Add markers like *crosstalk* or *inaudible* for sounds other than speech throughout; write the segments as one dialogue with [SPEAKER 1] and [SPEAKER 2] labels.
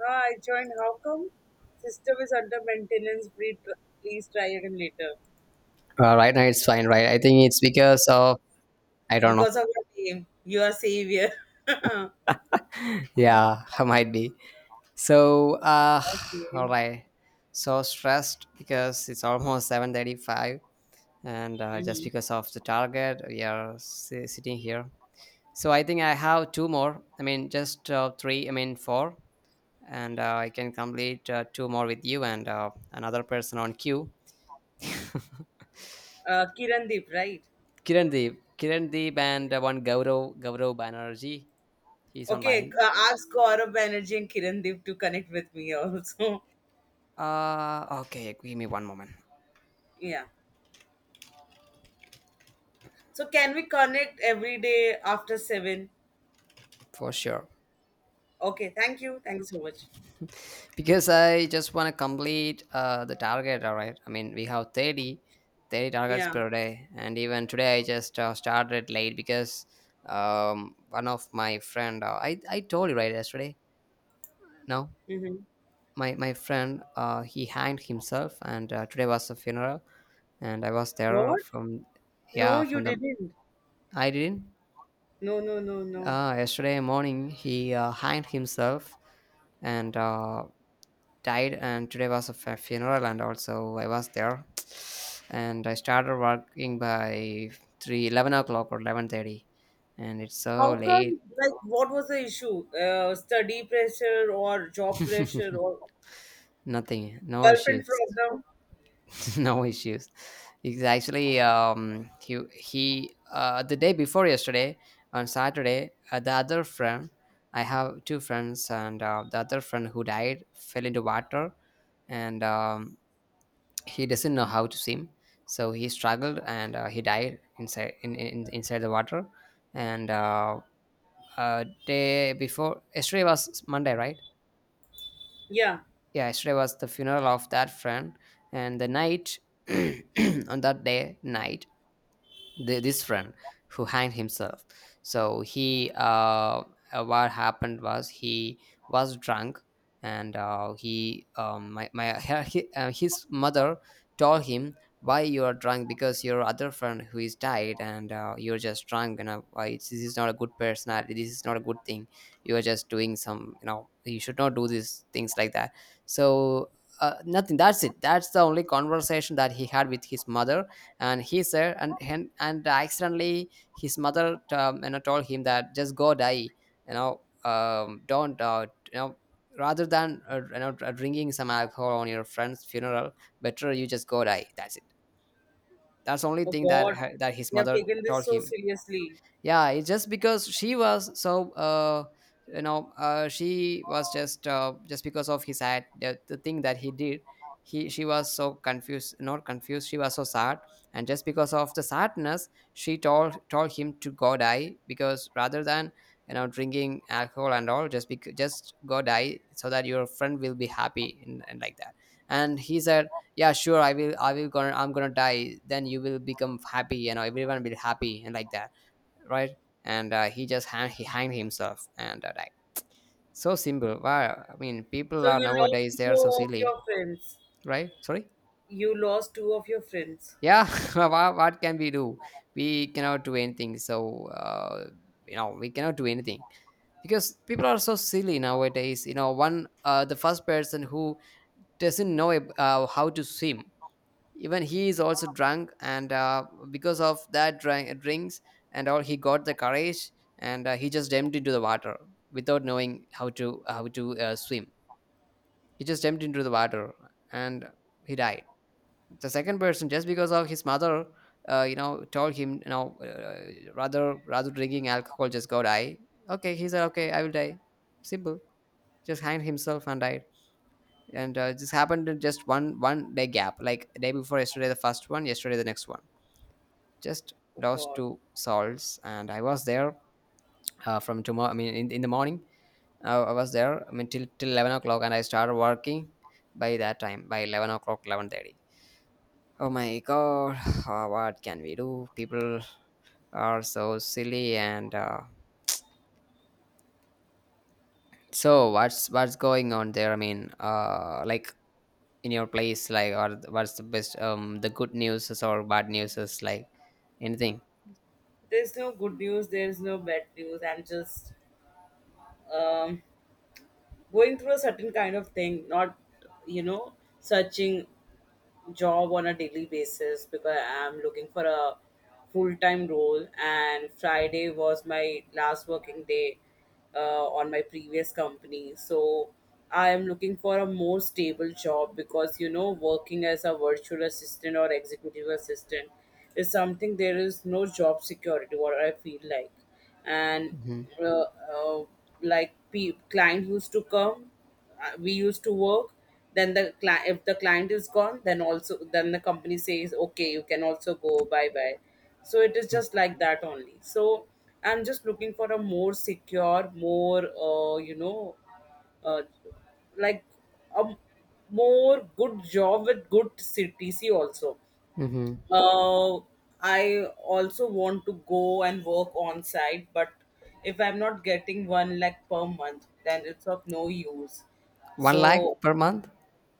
[SPEAKER 1] Ah, I joined. How come? System is under maintenance. Please please try again later.
[SPEAKER 2] Right now it's fine, right? I think it's because of I don't know.
[SPEAKER 1] Because of your name, you are savior. *laughs*
[SPEAKER 2] Yeah, *laughs* might be. So, *sighs* all
[SPEAKER 1] Okay.
[SPEAKER 2] right. So stressed because it's almost 7:35, and just
[SPEAKER 1] Mm-hmm.
[SPEAKER 2] because of the target, we are sitting here. So I think I have two more. I mean, just three. I mean, four, and I can complete two more with you and another person on queue.
[SPEAKER 1] Kirandeep, right?
[SPEAKER 2] Kiran Deep, Kiran Deep, and one Gaurav Banerjee. He's
[SPEAKER 1] Okay,
[SPEAKER 2] online.
[SPEAKER 1] ask Gaurav Banerjee and Kirandeep to connect with me also.
[SPEAKER 2] Okay, give me one moment
[SPEAKER 1] *laughs* yeah. So can we connect every day after 7?
[SPEAKER 2] for sure.
[SPEAKER 1] Okay, thank you. Thank you so much.
[SPEAKER 2] Because I just want to complete the target, all right? I mean, we have thirty targets
[SPEAKER 1] Yeah.
[SPEAKER 2] per day. And even today, I just started late because one of my friend, I told you right yesterday, no?
[SPEAKER 1] Mm-hmm.
[SPEAKER 2] My friend, he hanged himself and today was the funeral. And I was there
[SPEAKER 1] What?
[SPEAKER 2] from,
[SPEAKER 1] No,
[SPEAKER 2] yeah,
[SPEAKER 1] you
[SPEAKER 2] from the,
[SPEAKER 1] didn't.
[SPEAKER 2] I didn't.
[SPEAKER 1] No, no, no, no.
[SPEAKER 2] Yesterday morning, he hanged himself and died. And today was a funeral, and also I was there, and I started working by 3 11 o'clock or 11:30, and it's so
[SPEAKER 1] How
[SPEAKER 2] late.
[SPEAKER 1] come, like, what was the issue? Study pressure or job pressure
[SPEAKER 2] *laughs*
[SPEAKER 1] or
[SPEAKER 2] Nothing, no
[SPEAKER 1] girlfriend
[SPEAKER 2] issues.
[SPEAKER 1] problem?
[SPEAKER 2] *laughs* No issues. It's actually he the day before yesterday, on Saturday, the other friend. I have two friends, and the other friend who died fell into water. And he doesn't know how to swim, so he struggled, and he died inside in inside the water. And day before yesterday was Monday, right?
[SPEAKER 1] Yeah.
[SPEAKER 2] Yeah, yesterday was the funeral of that friend. And the night *clears throat* on that day night, this friend who hanged himself, so he what happened was he was drunk. And he his mother told him, why you are drunk, because your other friend who is died, and you're just drunk, and this is not a good personality, this is not a good thing. You are just doing some. You should not do these things like that, so. Nothing, that's it, that's the only conversation that he had with his mother. And he's there, and and accidentally his mother told him that just go die, don't, you know rather than, drinking some alcohol on your friend's funeral, better you just go die, that's it. That's the only
[SPEAKER 1] Oh,
[SPEAKER 2] thing
[SPEAKER 1] God.
[SPEAKER 2] that his
[SPEAKER 1] You have
[SPEAKER 2] mother
[SPEAKER 1] taken this
[SPEAKER 2] told
[SPEAKER 1] so
[SPEAKER 2] him.
[SPEAKER 1] seriously.
[SPEAKER 2] Yeah, it's just because she was so she was just because of his act, the thing that he did. He She was so confused, not confused, she was so sad. And just because of the sadness she told him to go die, because rather than drinking alcohol and all, just because, just go die so that your friend will be happy, and like that. And he said, yeah, sure, I will, I will gonna I'm gonna die, then you will become happy, everyone will happy and like that, right? And he hanged himself and died. So simple. Wow. I mean, people
[SPEAKER 1] So
[SPEAKER 2] are
[SPEAKER 1] you lost
[SPEAKER 2] nowadays they are so
[SPEAKER 1] two of
[SPEAKER 2] silly,
[SPEAKER 1] your friends.
[SPEAKER 2] right? Sorry.
[SPEAKER 1] You lost two of your friends.
[SPEAKER 2] Yeah. *laughs* What can we do? We cannot do anything. So we cannot do anything because people are so silly nowadays. One the first person who doesn't know how to swim, even he is also drunk, and because of that drinks and all he got the courage, and he just jumped into the water without knowing how to swim. He just jumped into the water, and he died. The second person, just because of his mother, told him, rather drinking alcohol, just go die. Okay, he said, okay, I will die. Simple. Just hanged himself and died. And this happened in just one day gap, like day before yesterday the first one, yesterday the next one. Just
[SPEAKER 1] Oh,
[SPEAKER 2] those
[SPEAKER 1] God.
[SPEAKER 2] two salts, and I was there. From tomorrow, I mean in the morning, I was there, I mean till 11 o'clock, and I started working by that time, by 11 o'clock, 11:30. Oh my god. *sighs* What can we do? People are so silly, and so what's going on there? I mean, like, in your place, like, or what's the best, the good news or bad news is like, anything?
[SPEAKER 1] There's no good news. There's no bad news. I'm just um, going through a certain kind of thing, not, you know, searching job on a daily basis because I'm looking for a full time role. And Friday was my last working day uh, on my previous company. So I am looking for a more stable job because, working as a virtual assistant or executive assistant is something there is no job security, what I feel like. And
[SPEAKER 2] Mm-hmm.
[SPEAKER 1] uh, uh, like client used to come, we used to work. Then the client, if the client is gone, then also then the company says okay you can also go bye bye. So it is just like that only. So I'm just looking for a more secure, more uh, you know uh, like a more good job with good CTC also.
[SPEAKER 2] Mm-hmm.
[SPEAKER 1] uh, I also want to go and work on site, but if I'm not getting 1 lakh per month, then it's of no use.
[SPEAKER 2] one lakh
[SPEAKER 1] So,
[SPEAKER 2] per month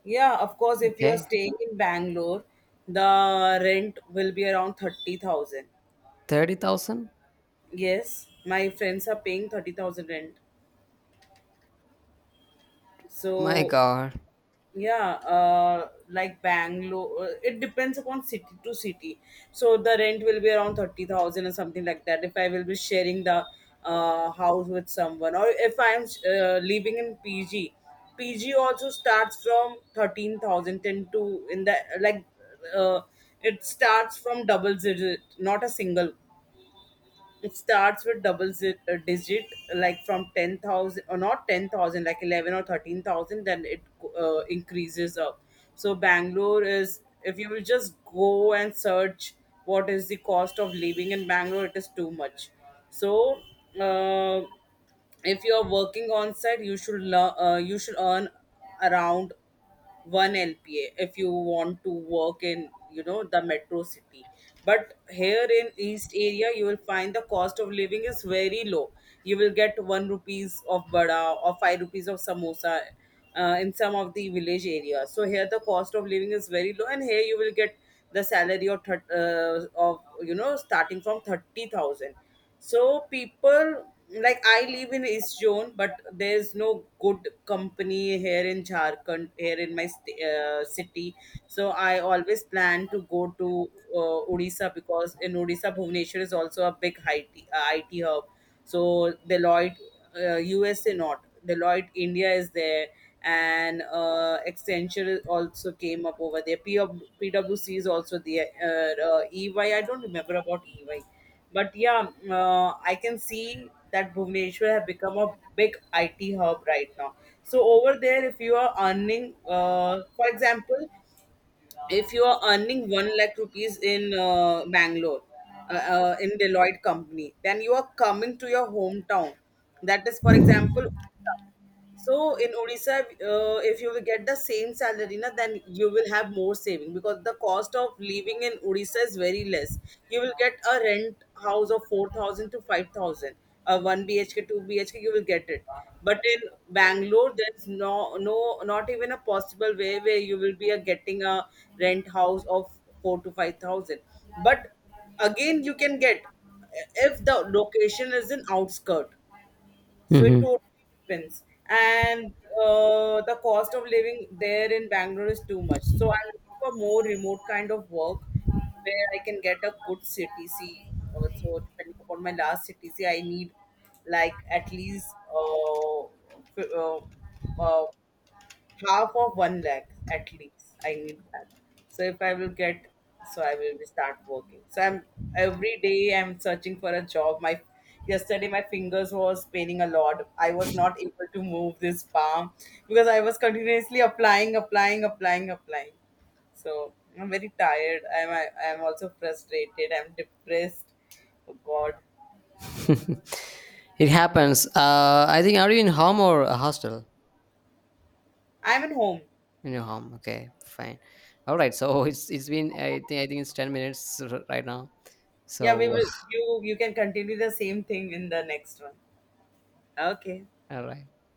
[SPEAKER 1] yeah, of course, if you're
[SPEAKER 2] Okay.
[SPEAKER 1] staying in Bangalore, the rent will be around 30,000.
[SPEAKER 2] 30,000?
[SPEAKER 1] Yes, my friends are paying 30,000 rent.
[SPEAKER 2] My
[SPEAKER 1] So,
[SPEAKER 2] God.
[SPEAKER 1] yeah, like Bangalore, it depends upon city to city. So the rent will be around 30,000 or something like that if I will be sharing the house with someone, or if I'm living in pg. Pg also starts from thirteen thousand ten to, in the, like, uh, it starts from double digit, not a single. It starts with double zit, a digit, like from 10,000, or not 10,000, like 11 or 13,000, then it increases up. So Bangalore is, if you will just go and search what is the cost of living in Bangalore, it is too much. So, uh, if you are working on site, you should learn, you should earn around one LPA if you want to work in, you know, the metro city. But here in East area, you will find the cost of living is very low. You will get 1 rupees of vada or 5 rupees of samosa in some of the village areas. So here the cost of living is very low, and here you will get the salary of of, you know, starting from 30,000. So people, like, I live in East Zone, but there's no good company here in Jharkhand, here in my city. So I always plan to go to Odisha, because in Odisha, Bhubaneswar is also a big IT hub. So Deloitte, USA not. Deloitte India is there, and Accenture also came up over there. PwC is also there. EY, I don't remember about EY, but yeah, I can see that Bhubaneswar have become a big IT hub right now. So over there, if you are earning, for example, if you are earning 1 lakh rupees in Bangalore, in Deloitte company, then you are coming to your hometown. That is, for example, so in Odisha, if you will get the same salary, na, then you will have more saving because the cost of living in Odisha is very less. You will get a rent house of 4,000 to 5,000, a 1 BHK, 2 BHK, you will get it. But in Bangalore, there's no, no, not even a possible way where you will be getting a rent house of 4 to 5,000. But again, you can get if the location is in outskirt, so it
[SPEAKER 2] Hmm.
[SPEAKER 1] totally depends. And the cost of living there in Bangalore is too much. So I'm looking for more remote kind of work where I can get a good CTC. So depending upon my last CTC, I need, like, at least f- uh, uh, half of 1 lakh. At least I need that. So if I will get, so I will be start working. So I'm, every day I'm searching for a job. My, yesterday my fingers was paining a lot. I was not able to move this palm because I was continuously applying applying applying applying. So I'm very tired. I'm also frustrated. I'm depressed. Oh God.
[SPEAKER 2] *laughs* It happens. I think, are you in home or a hostel?
[SPEAKER 1] I'm at home.
[SPEAKER 2] In your home. Okay, fine. All right. So *laughs* it's been, I think, it's 10 minutes right now.
[SPEAKER 1] Yeah, we
[SPEAKER 2] So,
[SPEAKER 1] will, you can continue the same thing in the next one. Okay.
[SPEAKER 2] *laughs* all right.